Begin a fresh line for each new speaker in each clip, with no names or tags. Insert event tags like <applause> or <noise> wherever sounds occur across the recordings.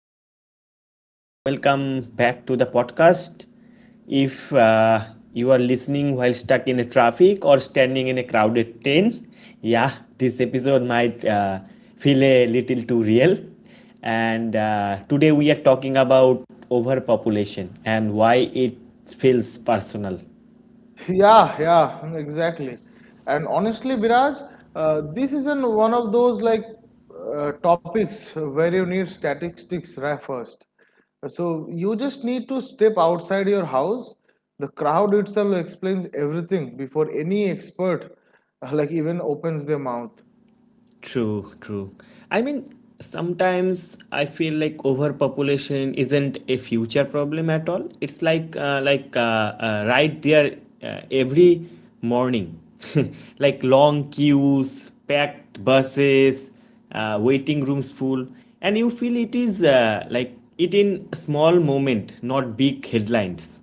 Hello, everyone. Welcome back to the podcast. If you are listening while stuck in a traffic or standing in a crowded train, yeah, this episode might feel a little too real. And Today we are talking about overpopulation and why it feels personal.
Yeah, yeah, exactly. And honestly, Biraj, this isn't one of those like topics where you need statistics first. So you just need to step outside your house. The crowd itself explains everything before any expert like even opens their mouth.
True, true. I mean, sometimes I feel like overpopulation isn't a future problem at all. It's right there, every morning, <laughs> like long queues, packed buses, waiting rooms full, and you feel it is, it in small moment, not big headlines.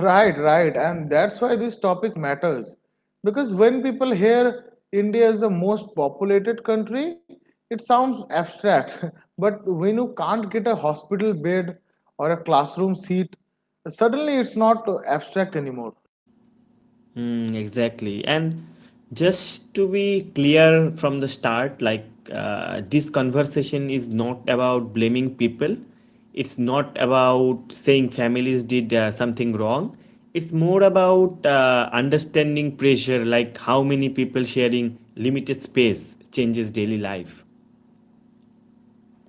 Right, right. And that's why this topic matters. Because when people hear India is the most populated country, it sounds abstract. <laughs> But when you can't get a hospital bed or a classroom seat, suddenly it's not abstract anymore.
Mm, exactly. And just to be clear from the start, this conversation is not about blaming people. It's not about saying families did something wrong. It's more about understanding pressure, like how many people sharing limited space changes daily life.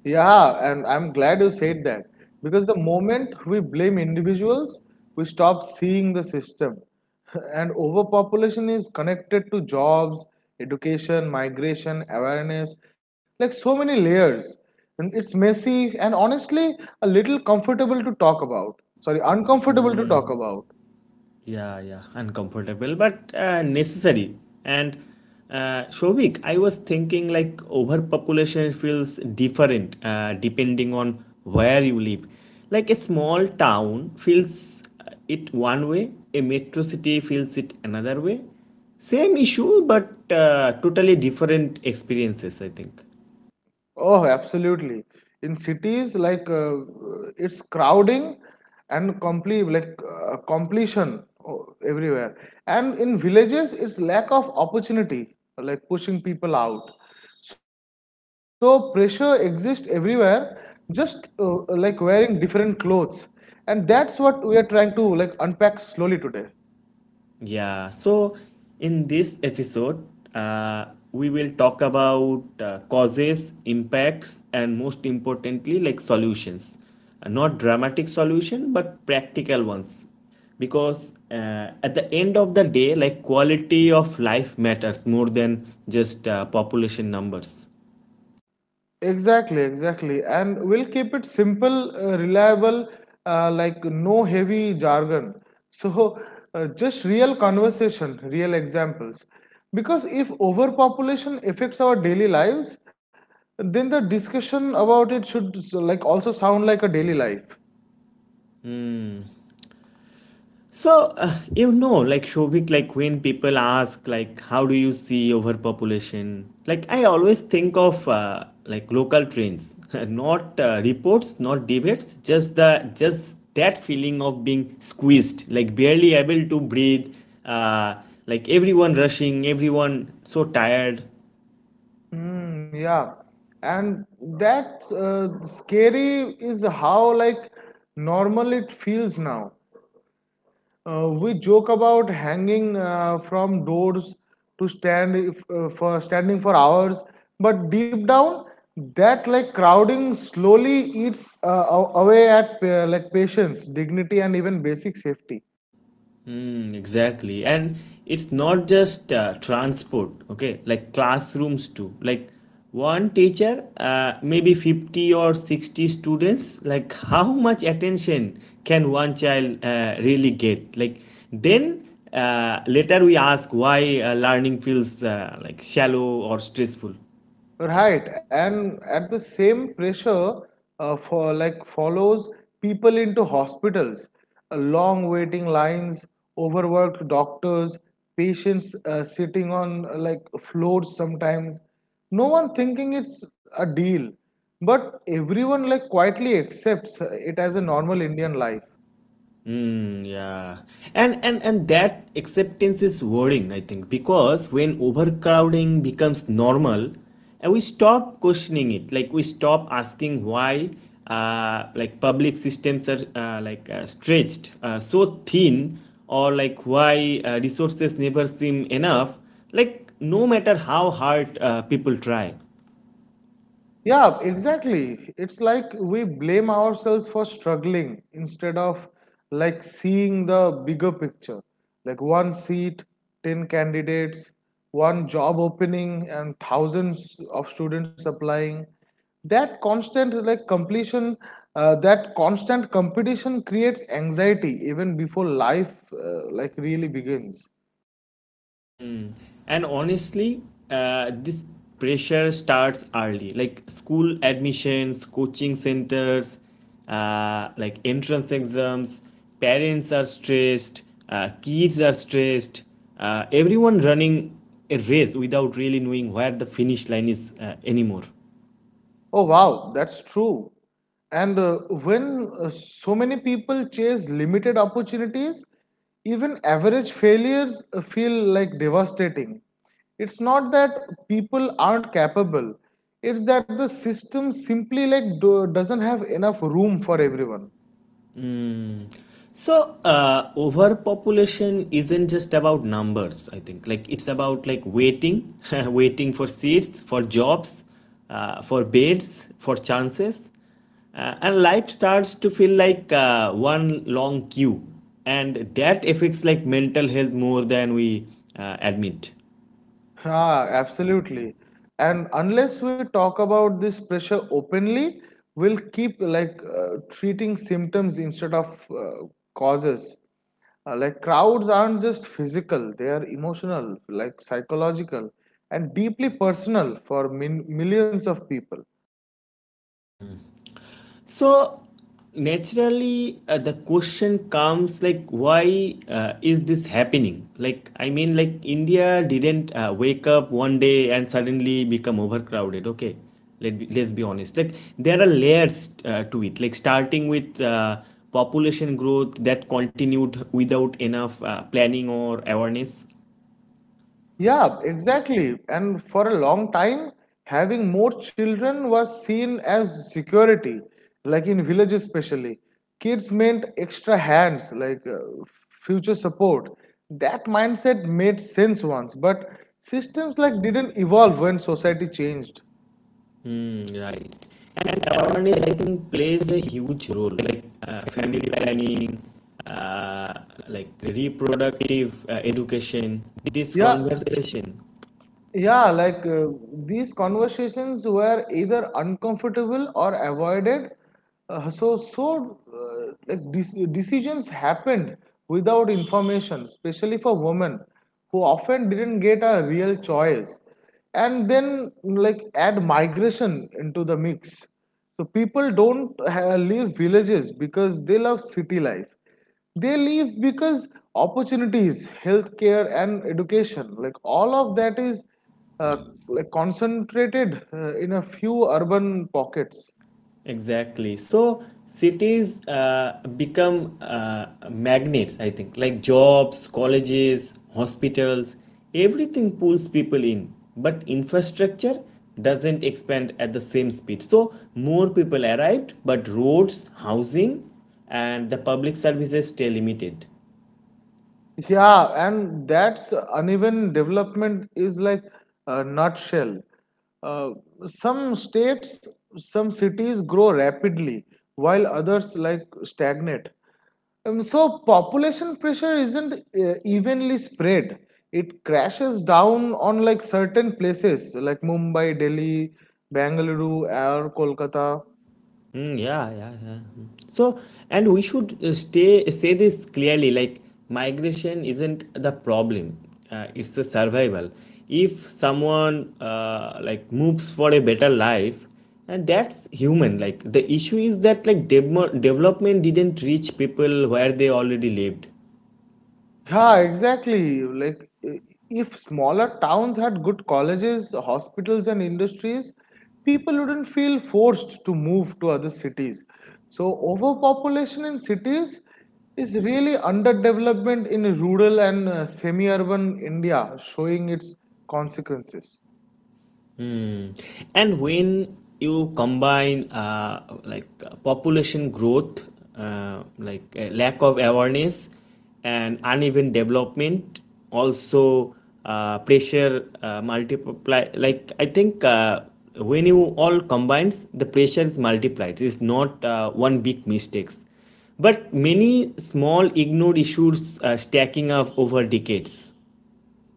Yeah, and I'm glad you said that because the moment we blame individuals, we stop seeing the system. <laughs> And overpopulation is connected to jobs, education, migration, awareness, like so many layers. And it's messy and honestly a little comfortable to talk about. Sorry, uncomfortable to talk about.
Yeah, yeah, uncomfortable, but necessary. And Shobik, I was thinking like overpopulation feels different depending on where you live. Like a small town feels it one way, a metro city feels it another way. Same issue, but totally different experiences, I think.
Oh, absolutely. In cities, like it's crowding and complete like completion everywhere, and in villages, it's lack of opportunity, like pushing people out. So pressure exists everywhere, just like wearing different clothes, and that's what we are trying to like unpack slowly today.
Yeah, so in this episode, uh, we will talk about causes, impacts, and most importantly, like solutions. Not dramatic solution, but practical ones. Because at the end of the day, like quality of life matters more than just population numbers.
Exactly, exactly. And we'll keep it simple, reliable, like no heavy jargon. <laughs> So, just real conversation, real examples. Because if overpopulation affects our daily lives, then the discussion about it should like also sound like a daily life.
So, you know, like Shobik, like when people ask, like, how do you see overpopulation? Like, I always think of like local trends, <laughs> not reports, not debates, just that feeling of being squeezed, like barely able to breathe, uh, like everyone rushing, everyone so tired.
Mm, yeah. And that scary is how like normal it feels now. We joke about hanging from doors to stand if, for standing for hours, but deep down, that like crowding slowly eats away at like patience, dignity, and even basic safety.
Mm, exactly. And it's not just transport, okay? Like classrooms too. Like one teacher, maybe 50 or 60 students, like how much attention can one child really get? Like then, later we ask why learning feels like shallow or stressful.
Right, and at the same pressure for like follows people into hospitals. Long waiting lines, overworked doctors, patients sitting on like floors sometimes. No one thinking it's a deal, but everyone like quietly accepts it as a normal Indian life.
Mm, yeah. And that acceptance is worrying, I think, because when overcrowding becomes normal, and we stop questioning it. Like we stop asking why like public systems are stretched so thin or like why resources never seem enough, like no matter how hard people try.
Yeah, exactly. It's like we blame ourselves for struggling instead of like seeing the bigger picture. Like one seat, 10 candidates, one job opening, and thousands of students applying. That constant like completion, that constant competition creates anxiety even before life like really begins.
And honestly, this pressure starts early, like school admissions, coaching centers, like entrance exams, parents are stressed, kids are stressed, everyone running a race without really knowing where the finish line is anymore.
Oh, wow, that's true. And when so many people chase limited opportunities, even average failures feel like devastating. It's not that people aren't capable, it's that the system simply like doesn't have enough room for everyone.
So, overpopulation isn't just about numbers, I think. Like, it's about like waiting, <laughs> waiting for seats, for jobs, for beds, for chances. And life starts to feel like one long queue. And that affects like mental health more than we admit.
Ah, absolutely. And unless we talk about this pressure openly, we'll keep like treating symptoms instead of causes. Like crowds aren't just physical, they are emotional, like psychological, and deeply personal for millions of people.
So naturally, the question comes like, why is this happening? Like, I mean, like India didn't wake up one day and suddenly become overcrowded. Okay, let's be honest. Like there are layers to it. Like starting with population growth that continued without enough planning or awareness.
Yeah, exactly. And for a long time, having more children was seen as security, like in villages, especially. Kids meant extra hands, like future support. That mindset made sense once, but systems like didn't evolve when society changed.
Hmm, right. And awareness, I think, plays a huge role, like family planning, uh, like reproductive education, this
Yeah,
conversation.
yeah, like these conversations were either uncomfortable or avoided. So like decisions happened without information, especially for women who often didn't get a real choice. And then, like, add migration into the mix. So people don't leave villages because they love city life. They leave because opportunities, healthcare and education, like all of that is uh, like concentrated in a few urban pockets.
Exactly. So cities become magnets, I think, like jobs, colleges, hospitals, everything pulls people in. But infrastructure doesn't expand at the same speed. So more people arrived, but roads, housing, and the public services stay limited.
Yeah, and that's uneven development is like a nutshell. Uh, some states, some cities grow rapidly while others like stagnate. So population pressure isn't evenly spread. It crashes down on like certain places like Mumbai, Delhi, Bangalore, or Kolkata.
Mm, yeah, yeah, yeah. Mm. So, and we should stay say this clearly. Like migration isn't the problem; it's a survival. If someone Like moves for a better life, and that's human. Like the issue is that development didn't reach people where they already lived.
Yeah, exactly. Like, i- if smaller towns had good colleges, hospitals, and industries, people wouldn't feel forced to move to other cities. So, overpopulation in cities is really underdevelopment in rural and semi urban India, showing its consequences.
Hmm. And when you combine population growth, lack of awareness, and uneven development, also pressure multiply. Like I think, when you all combines, the pressure is multiplied. It's not one big mistakes, but many small ignored issues stacking up over decades.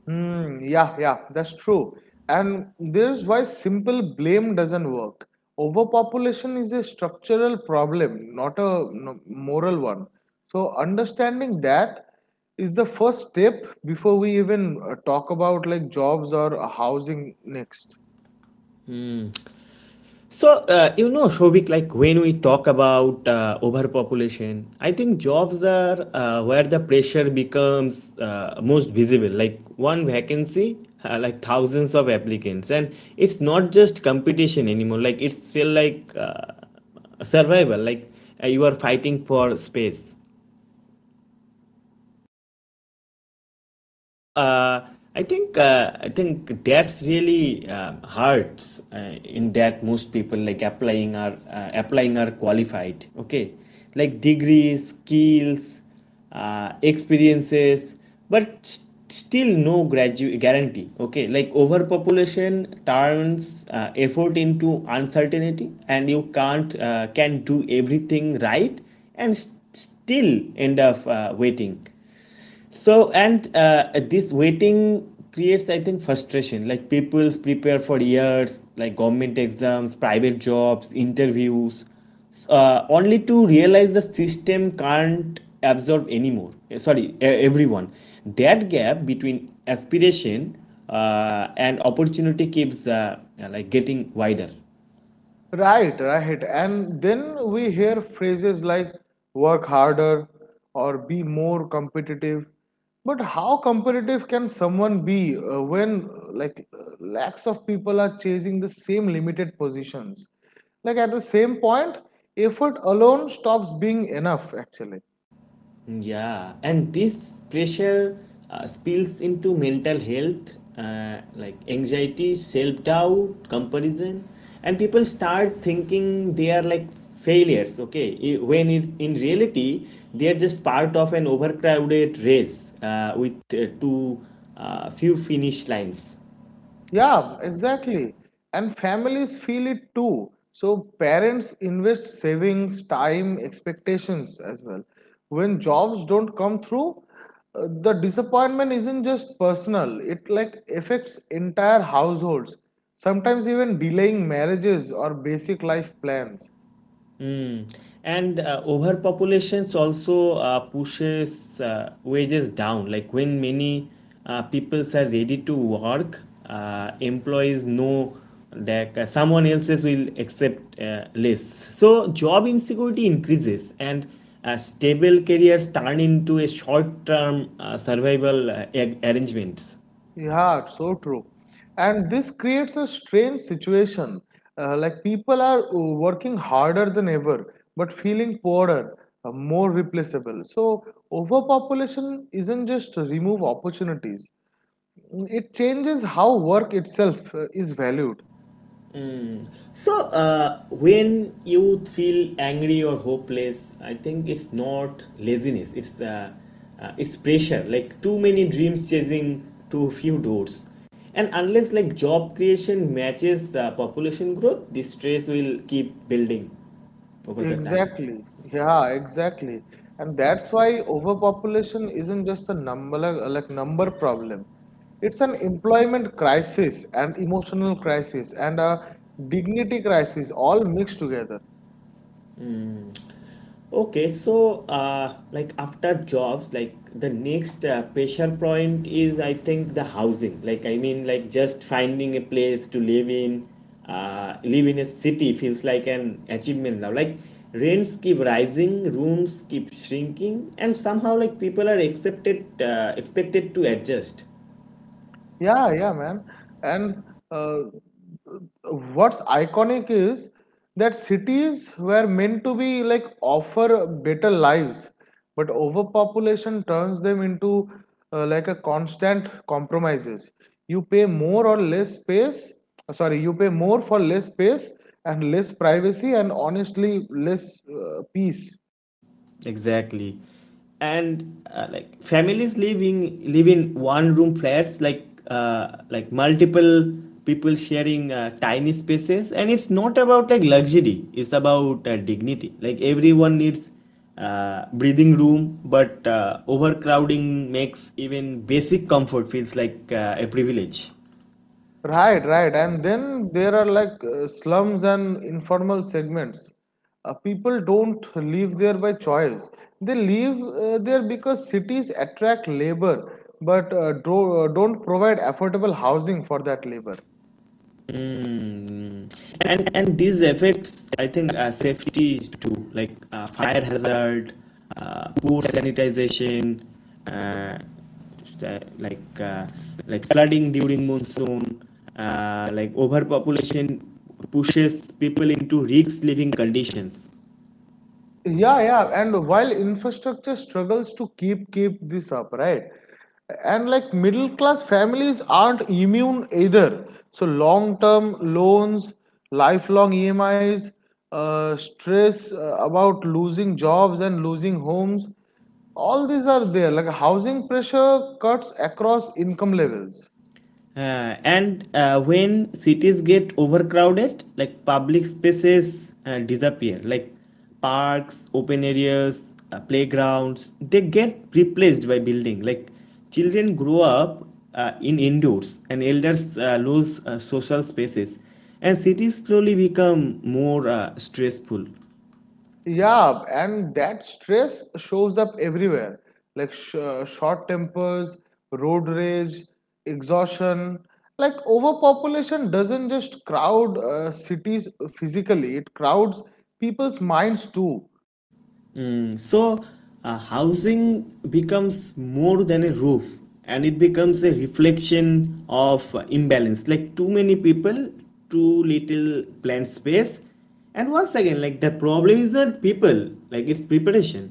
Mm, yeah, yeah, that's true. And this is why simple blame doesn't work. Overpopulation is a structural problem, not a no, moral one. So understanding that is the first step before we even talk about like jobs or housing next.
So, you know, Shobik, like when we talk about overpopulation, I think jobs are where the pressure becomes most visible. Like one vacancy, like thousands of applicants, and it's not just competition anymore. Like it's feel like survival. Like you are fighting for space. So I think that's really hurts in that most people like applying are qualified. Okay, like degrees, skills, experiences, but still no guarantee. Okay, like overpopulation turns effort into uncertainty, and you can't can do everything right and still end up waiting. So, and this waiting creates, I think, frustration. Like people prepare for years, like government exams, private jobs, interviews. So, only to realize the system can't absorb anymore. Sorry, everyone. That gap between aspiration and opportunity keeps like getting wider.
Right, right. And then we hear phrases like work harder or be more competitive. But how competitive can someone be when like lakhs of people are chasing the same limited positions? Like at the same point, effort alone stops being enough actually.
Yeah, and this pressure spills into mental health, like anxiety, self doubt, comparison, and people start thinking they are like failures, okay? When it, in reality, they are just part of an overcrowded race with too few finish lines.
Yeah, exactly. And families feel it too. So parents invest savings, time, expectations as well. When jobs don't come through, the disappointment isn't just personal. It like affects entire households, sometimes even delaying marriages or basic life plans.
Mm. And overpopulations also pushes wages down. Like when many peoples are ready to work, employees know that someone else's will accept less. So job insecurity increases, and stable careers turn into a short-term survival arrangements.
Yeah, it's so true. And this creates a strange situation. Like people are working harder than ever, but feeling poorer, more replaceable. So, overpopulation isn't just remove opportunities, it changes how work itself is valued.
So, when you feel angry or hopeless, I think it's not laziness. It's pressure. Like too many dreams chasing too few doors, and unless like job creation matches population growth, this stress will keep building over the time.
Exactly. Yeah, exactly. And that's why overpopulation isn't just a number like number problem. It's an employment crisis and emotional crisis and a dignity crisis all mixed together.
Okay, so like after jobs, like the next pressure point is I think the housing. Like I mean, like just finding a place to live in a city feels like an achievement now. Like rents keep rising, rooms keep shrinking, and somehow like people are expected to adjust.
Yeah, yeah, man. And uh, what's iconic is that cities were meant to be like offer better lives, but overpopulation turns them into like a constant compromises. You pay more or less space, sorry, you pay more for less space and less privacy and honestly less peace.
Exactly. And like families living live in one room flats, like multiple people sharing tiny spaces, and it's not about like luxury, it's about dignity, like everyone needs breathing room, but overcrowding makes even basic comfort feels like a privilege.
Right, right. And then there are like slums and informal segments. People don't live there by choice. They live there because cities attract labor but don't provide affordable housing for that labor.
Mm. And these effects, I think, safety too, like fire hazard, poor sanitization, uh, uh, like uh, like flooding during monsoon, like overpopulation pushes people into risk living conditions.
Yeah, yeah, and while infrastructure struggles to keep this up, right? And like middle class families aren't immune either. So long term loans, lifelong EMIs, stress about losing jobs and losing homes, all these are there. Like housing pressure cuts across income levels.
And when cities get overcrowded, like public spaces disappear, like parks, open areas, playgrounds, they get replaced by building. Like children grow up in indoors, and elders lose social spaces, and cities slowly become more stressful.
Yeah, and that stress shows up everywhere, like short tempers, road rage, exhaustion. Like overpopulation doesn't just crowd cities physically, it crowds people's minds too.
Mm. So, housing becomes more than a roof, and it becomes a reflection of imbalance, like too many people, too little planned space. And once again, like the problem isn't people, like it's preparation.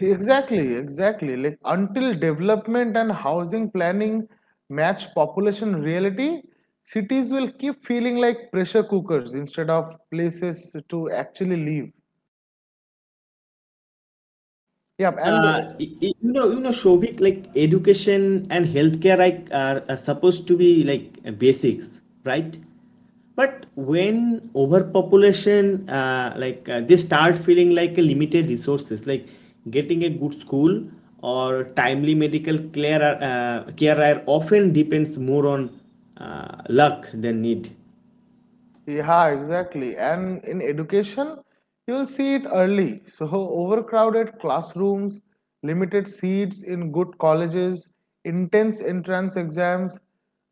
Exactly, exactly. Like until development and housing planning match population reality, cities will keep feeling like pressure cookers instead of places to actually live. Yeah, and
You know, you know, Shobik, like education and healthcare, like are supposed to be like basics, right? But when overpopulation, they start feeling like a limited resources, like getting a good school or timely medical care are often depends more on luck than need.
yeah, exactly. And in education, you'll see it early. So, overcrowded classrooms, limited seats in good colleges, intense entrance exams,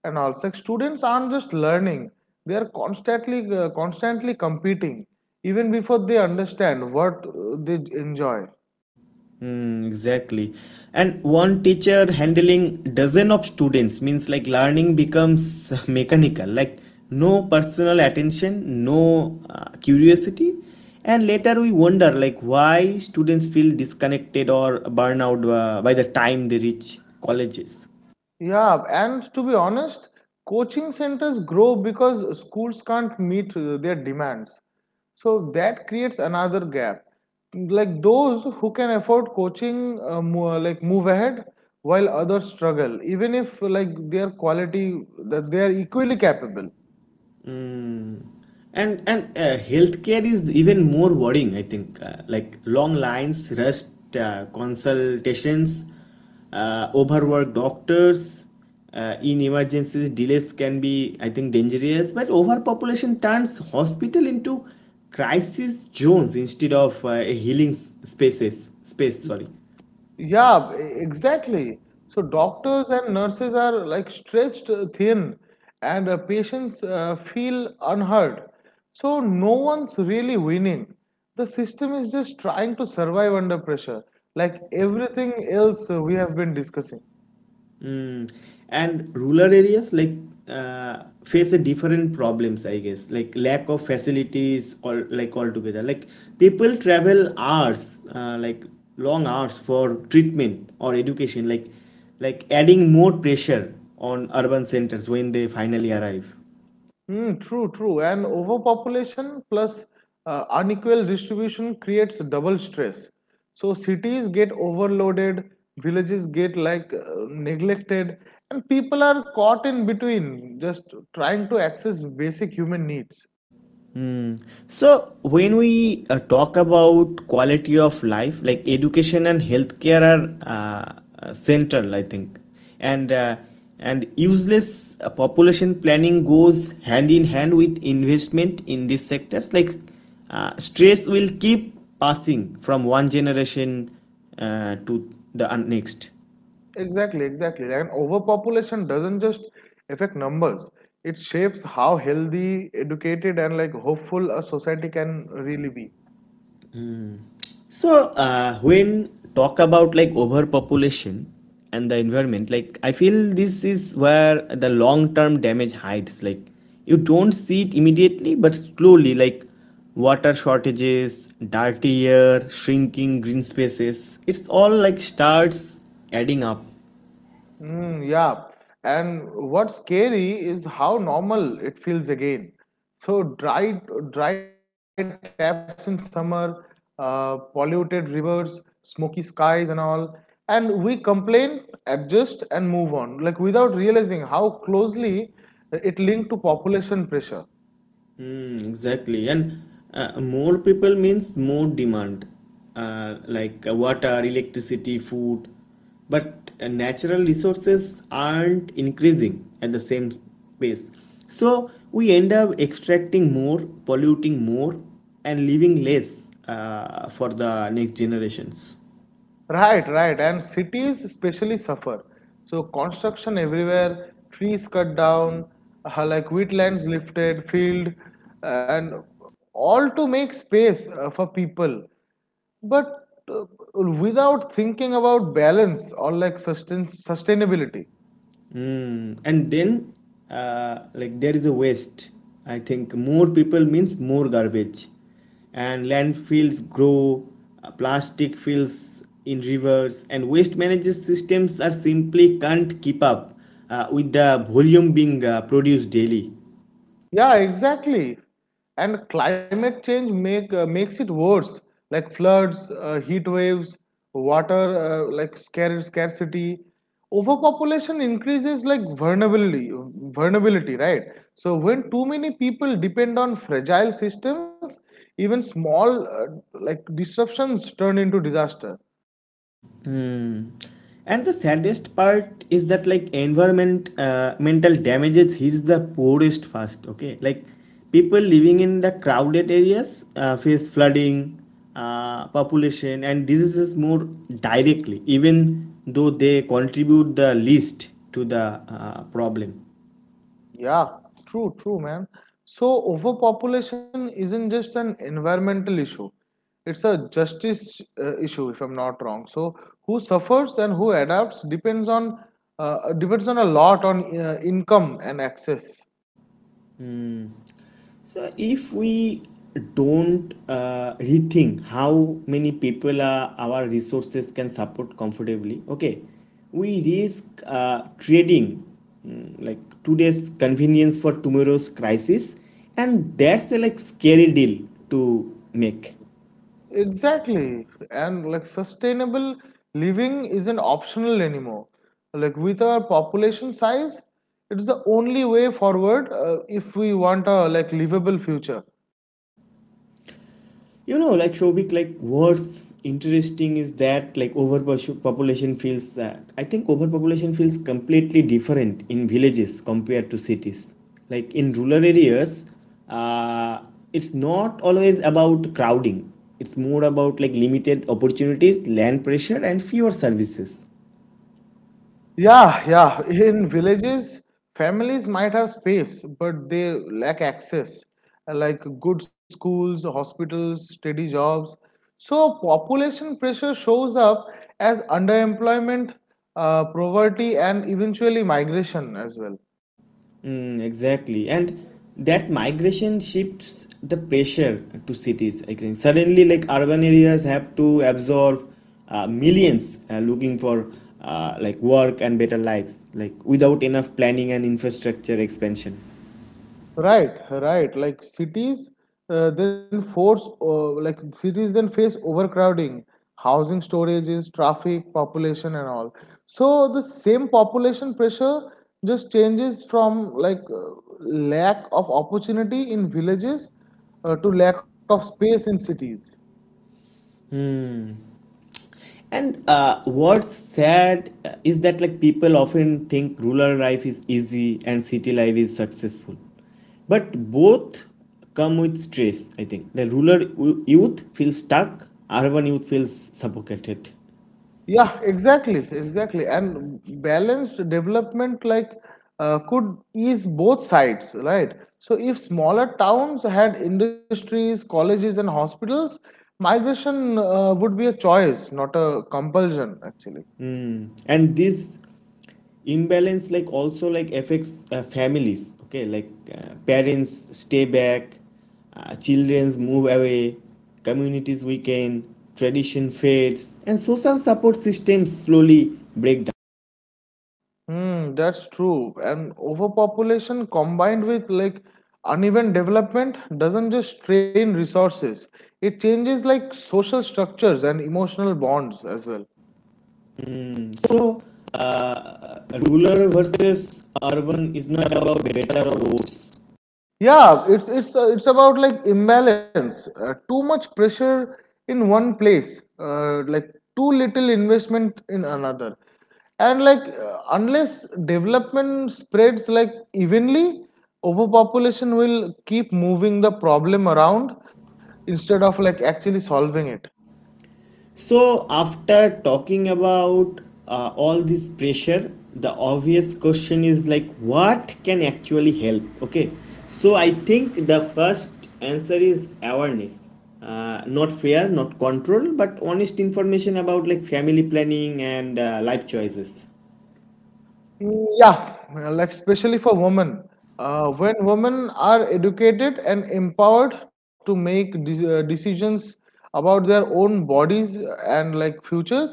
and all. Like students aren't just learning; they are constantly competing, even before they understand what they enjoy.
Mm, exactly. And one teacher handling dozen of students means like learning becomes <laughs> mechanical, like no personal attention, no curiosity. And later we wonder like why students feel disconnected or burn out by the time they reach colleges.
Yeah, and to be honest, coaching centers grow because schools can't meet their demands. So that creates another gap. Like those who can afford coaching, like move ahead, while others struggle, even if like their quality that they are equally capable.
Mm. And healthcare is even more worrying, I think. Like long lines, rushed consultations, overworked doctors. In emergencies, delays can be, I think, dangerous. But overpopulation turns hospital into crisis zones instead of a healing space, sorry.
Yeah, exactly. So doctors and nurses are like stretched thin, and patients feel unheard. So no one's really winning. The system is just trying to survive under pressure, like everything else we have been discussing.
Mm. And rural areas like face a different problems, I guess, like lack of facilities or like altogether. Like people travel hours, like long hours for treatment or education, like adding more pressure on urban centers when they finally arrive.
Mm, true, true. And overpopulation plus unequal distribution creates double stress. So cities get overloaded, villages get like neglected, and people are caught in between, just trying to access basic human needs.
So, when we talk about quality of life, like education and healthcare are central, I think, and uh, and useless population planning goes hand in hand with investment in these sectors. Like stress will keep passing from one generation to the next.
Exactly, exactly. And overpopulation doesn't just affect numbers. It shapes how healthy, educated, and like hopeful a society can really be.
So when talk about like overpopulation and the environment, like I feel this is where the long term damage hides. Like you don't see it immediately, but slowly, like water shortages, dirty air, shrinking green spaces, it's all like starts adding up.
Mm, yeah. And what's scary is how normal it feels again. So dry, dry taps in summer, polluted rivers, smoky skies, and all. And we complain, adjust, and move on, like without realizing how closely it linked to population pressure.
Hmm, exactly. And more people means more demand, like water, electricity, food. But natural resources aren't increasing at the same pace. So we end up extracting more, polluting more, and leaving less for the next generations.
Right, right. And cities especially suffer. So construction everywhere, trees cut down, like wetlands lifted, field, and all to make space for people. But without thinking about balance or like sustainability.
Mm. And then, like there is a waste. I think more people means more garbage, and landfills grow, plastic fills in rivers, and waste management systems are simply can't keep up with the volume being produced daily.
Yeah, exactly. And climate change makes it worse, like floods, heat waves, water like scarcity. Overpopulation increases like vulnerability, right? So when too many people depend on fragile systems, even small like disruptions turn into disaster.
Hmm. And the saddest part is that like environment mental damages hits the poorest first. Okay, like people living in the crowded areas face flooding, population, and diseases more directly, even though they contribute the least to the problem.
Yeah, true, true, man. So, overpopulation isn't just an environmental issue, it's a justice issue, if I'm not wrong. So, who suffers and who adapts depends on a lot on income and access.
So if we don't rethink how many people our resources can support comfortably, okay, we risk trading like today's convenience for tomorrow's crisis, and that's a like scary deal to make.
Exactly, and like sustainable living isn't optional anymore. Like with our population size, it's the only way forward if we want a like livable future.
You know, like Shobik, like what's interesting is that like overpopulation feels. I think overpopulation feels completely different in villages compared to cities. Like in rural areas, uh, it's not always about crowding. It's more about like limited opportunities, land pressure, and fewer services.
Yeah, yeah. In villages, families might have space, but they lack access, like good schools, hospitals, steady jobs. So, population pressure shows up as underemployment, poverty, and eventually migration as well.
Mm, exactly. And that migration shifts the pressure to cities. I think suddenly, like urban areas have to absorb millions looking for like work and better lives, like without enough planning and infrastructure expansion.
Right, right. Like cities then face overcrowding, housing storages, traffic, population, and all. So the same population pressure just changes from like lack of opportunity in villages to lack of space in cities.
And what's sad is that like people often think rural life is easy and city life is successful, but both come with stress. I think the rural youth feels stuck, urban youth feels suffocated.
Yeah, exactly, exactly. And balanced development like could ease both sides, right? So if smaller towns had industries, colleges, and hospitals, migration would be a choice, not a compulsion, actually.
Mm. And this imbalance like also like affects families, okay, like parents stay back, children's move away, communities weaken, tradition fades, and social support systems slowly break down.
Hmm, that's true. And overpopulation combined with like uneven development doesn't just strain resources, it changes like social structures and emotional bonds as well.
So rural versus urban is not about better or worse.
Yeah, it's about like imbalance. Too much pressure in one place, like too little investment in another, and like unless development spreads like evenly, overpopulation will keep moving the problem around instead of like actually solving it.
So, after talking about all this pressure, the obvious question is like, what can actually help? Okay, so I think the first answer is awareness. Not fear, not control, but honest information about like family planning and life choices.
Mm, yeah, like especially for women. When women are educated and empowered to make decisions about their own bodies and like futures,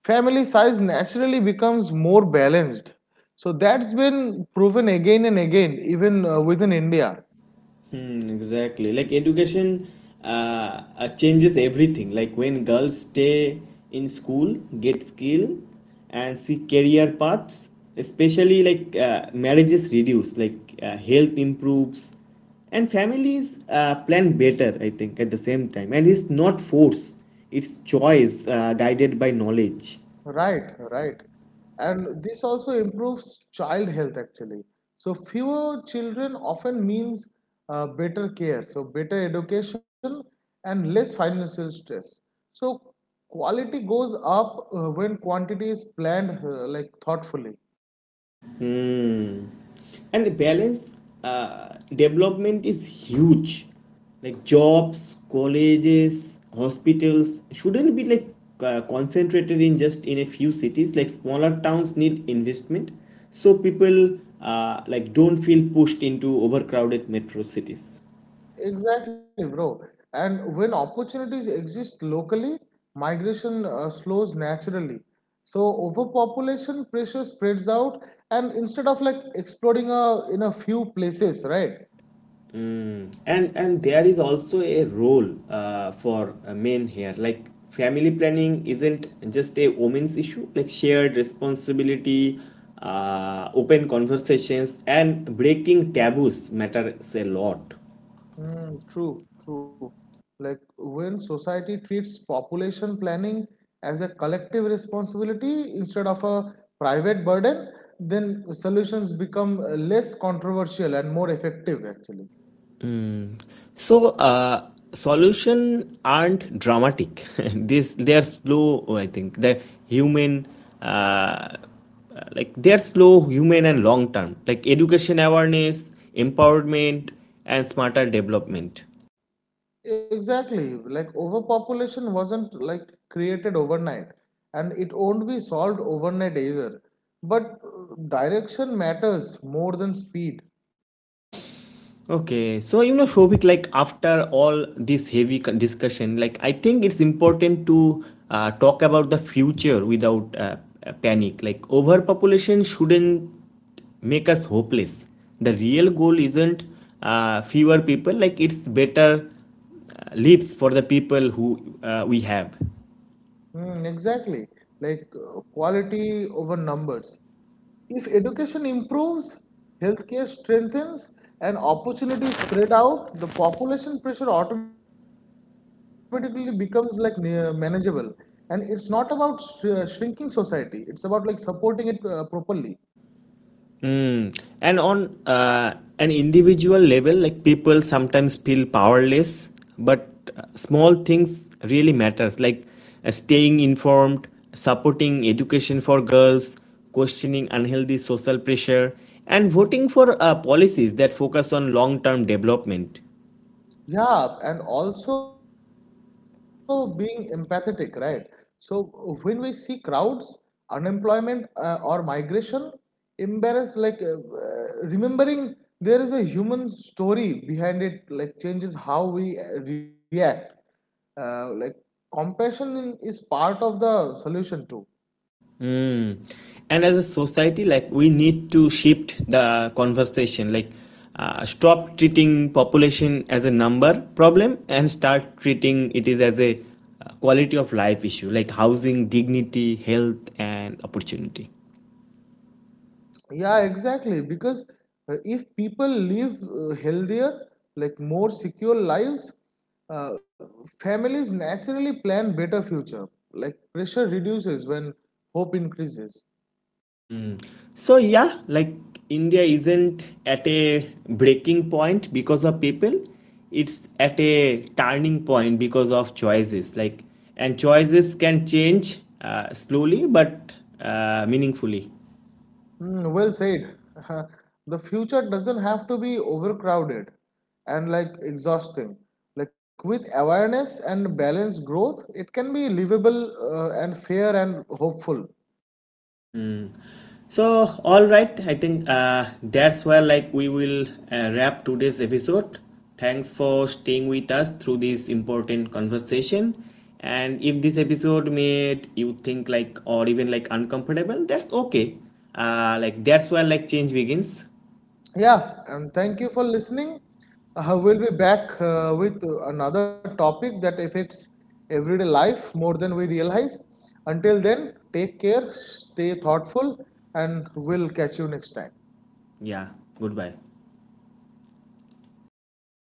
family size naturally becomes more balanced. So that's been proven again and again, even within India.
Mm, exactly. Like education changes everything. Like when girls stay in school, get skill, and see career paths, especially like marriages reduce, like health improves, and families plan better, I think, at the same time. And it's not force, it's choice guided by knowledge.
Right, right. And this also improves child health actually. So fewer children often means better care, so better education and less financial stress. So quality goes up when quantity is planned like thoughtfully.
And the balance development is huge, like jobs, colleges, hospitals shouldn't be like concentrated in just in a few cities. Like smaller towns need investment, so people like don't feel pushed into overcrowded metro cities.
Exactly, bro. And when opportunities exist locally, migration slows naturally. So overpopulation pressure spreads out, and instead of like exploding in a few places, right?
And there is also a role for men here. Like family planning isn't just a women's issue, like shared responsibility, open conversations, and breaking taboos matters a lot.
Mm, true, true. Like when society treats population planning as a collective responsibility instead of a private burden, then solutions become less controversial and more effective, actually.
So solution aren't dramatic. <laughs> this they are slow. I think the human. Uh, like they are slow, human, and long term, like education, awareness, empowerment, and smarter development.
Exactly. Like overpopulation wasn't like created overnight and it won't be solved overnight either. But direction matters more than speed.
Okay, so you know, Shobik, like after all this heavy discussion, like I think it's important to talk about the future without panic. Like overpopulation shouldn't make us hopeless. The real goal isn't fewer people; like it's better lives for the people who we have.
Mm, exactly. Like quality over numbers. If education improves, healthcare strengthens, and opportunities spread out, the population pressure automatically becomes like manageable. And it's not about shrinking society, it's about like supporting it properly.
Mm. And on uh, an individual level, like people sometimes feel powerless, but small things really matters, like staying informed, supporting education for girls, questioning unhealthy social pressure, and voting for policies that focus on long-term development.
Yeah, and also being empathetic, right? So when we see crowds, unemployment or migration, embarrass like remembering there is a human story behind it, like changes how we react. Like compassion is part of the solution too.
Mm. And as a society, like we need to shift the conversation, like stop treating population as a number problem and start treating it is as a quality of life issue, like housing, dignity, health, and opportunity.
Yeah, exactly. Because if people live healthier, like more secure lives, uh, families naturally plan better future. Like pressure reduces when hope increases.
So yeah, like India isn't at a breaking point because of people. It's at a turning point because of choices. Like and choices can change slowly but meaningfully.
Mm, well said. <laughs> The future doesn't have to be overcrowded and like exhausting. Like with awareness and balanced growth, it can be livable and fair and hopeful.
So, all right, I think that's where like we will wrap today's episode. Thanks for staying with us through this important conversation. And if this episode made you think like or even like uncomfortable, that's okay. Like that's where like change begins.
Yeah, and thank you for listening. We'll be back with another topic that affects everyday life more than we realize. Until then, take care, stay thoughtful, and we'll catch you next time.
Yeah. Goodbye.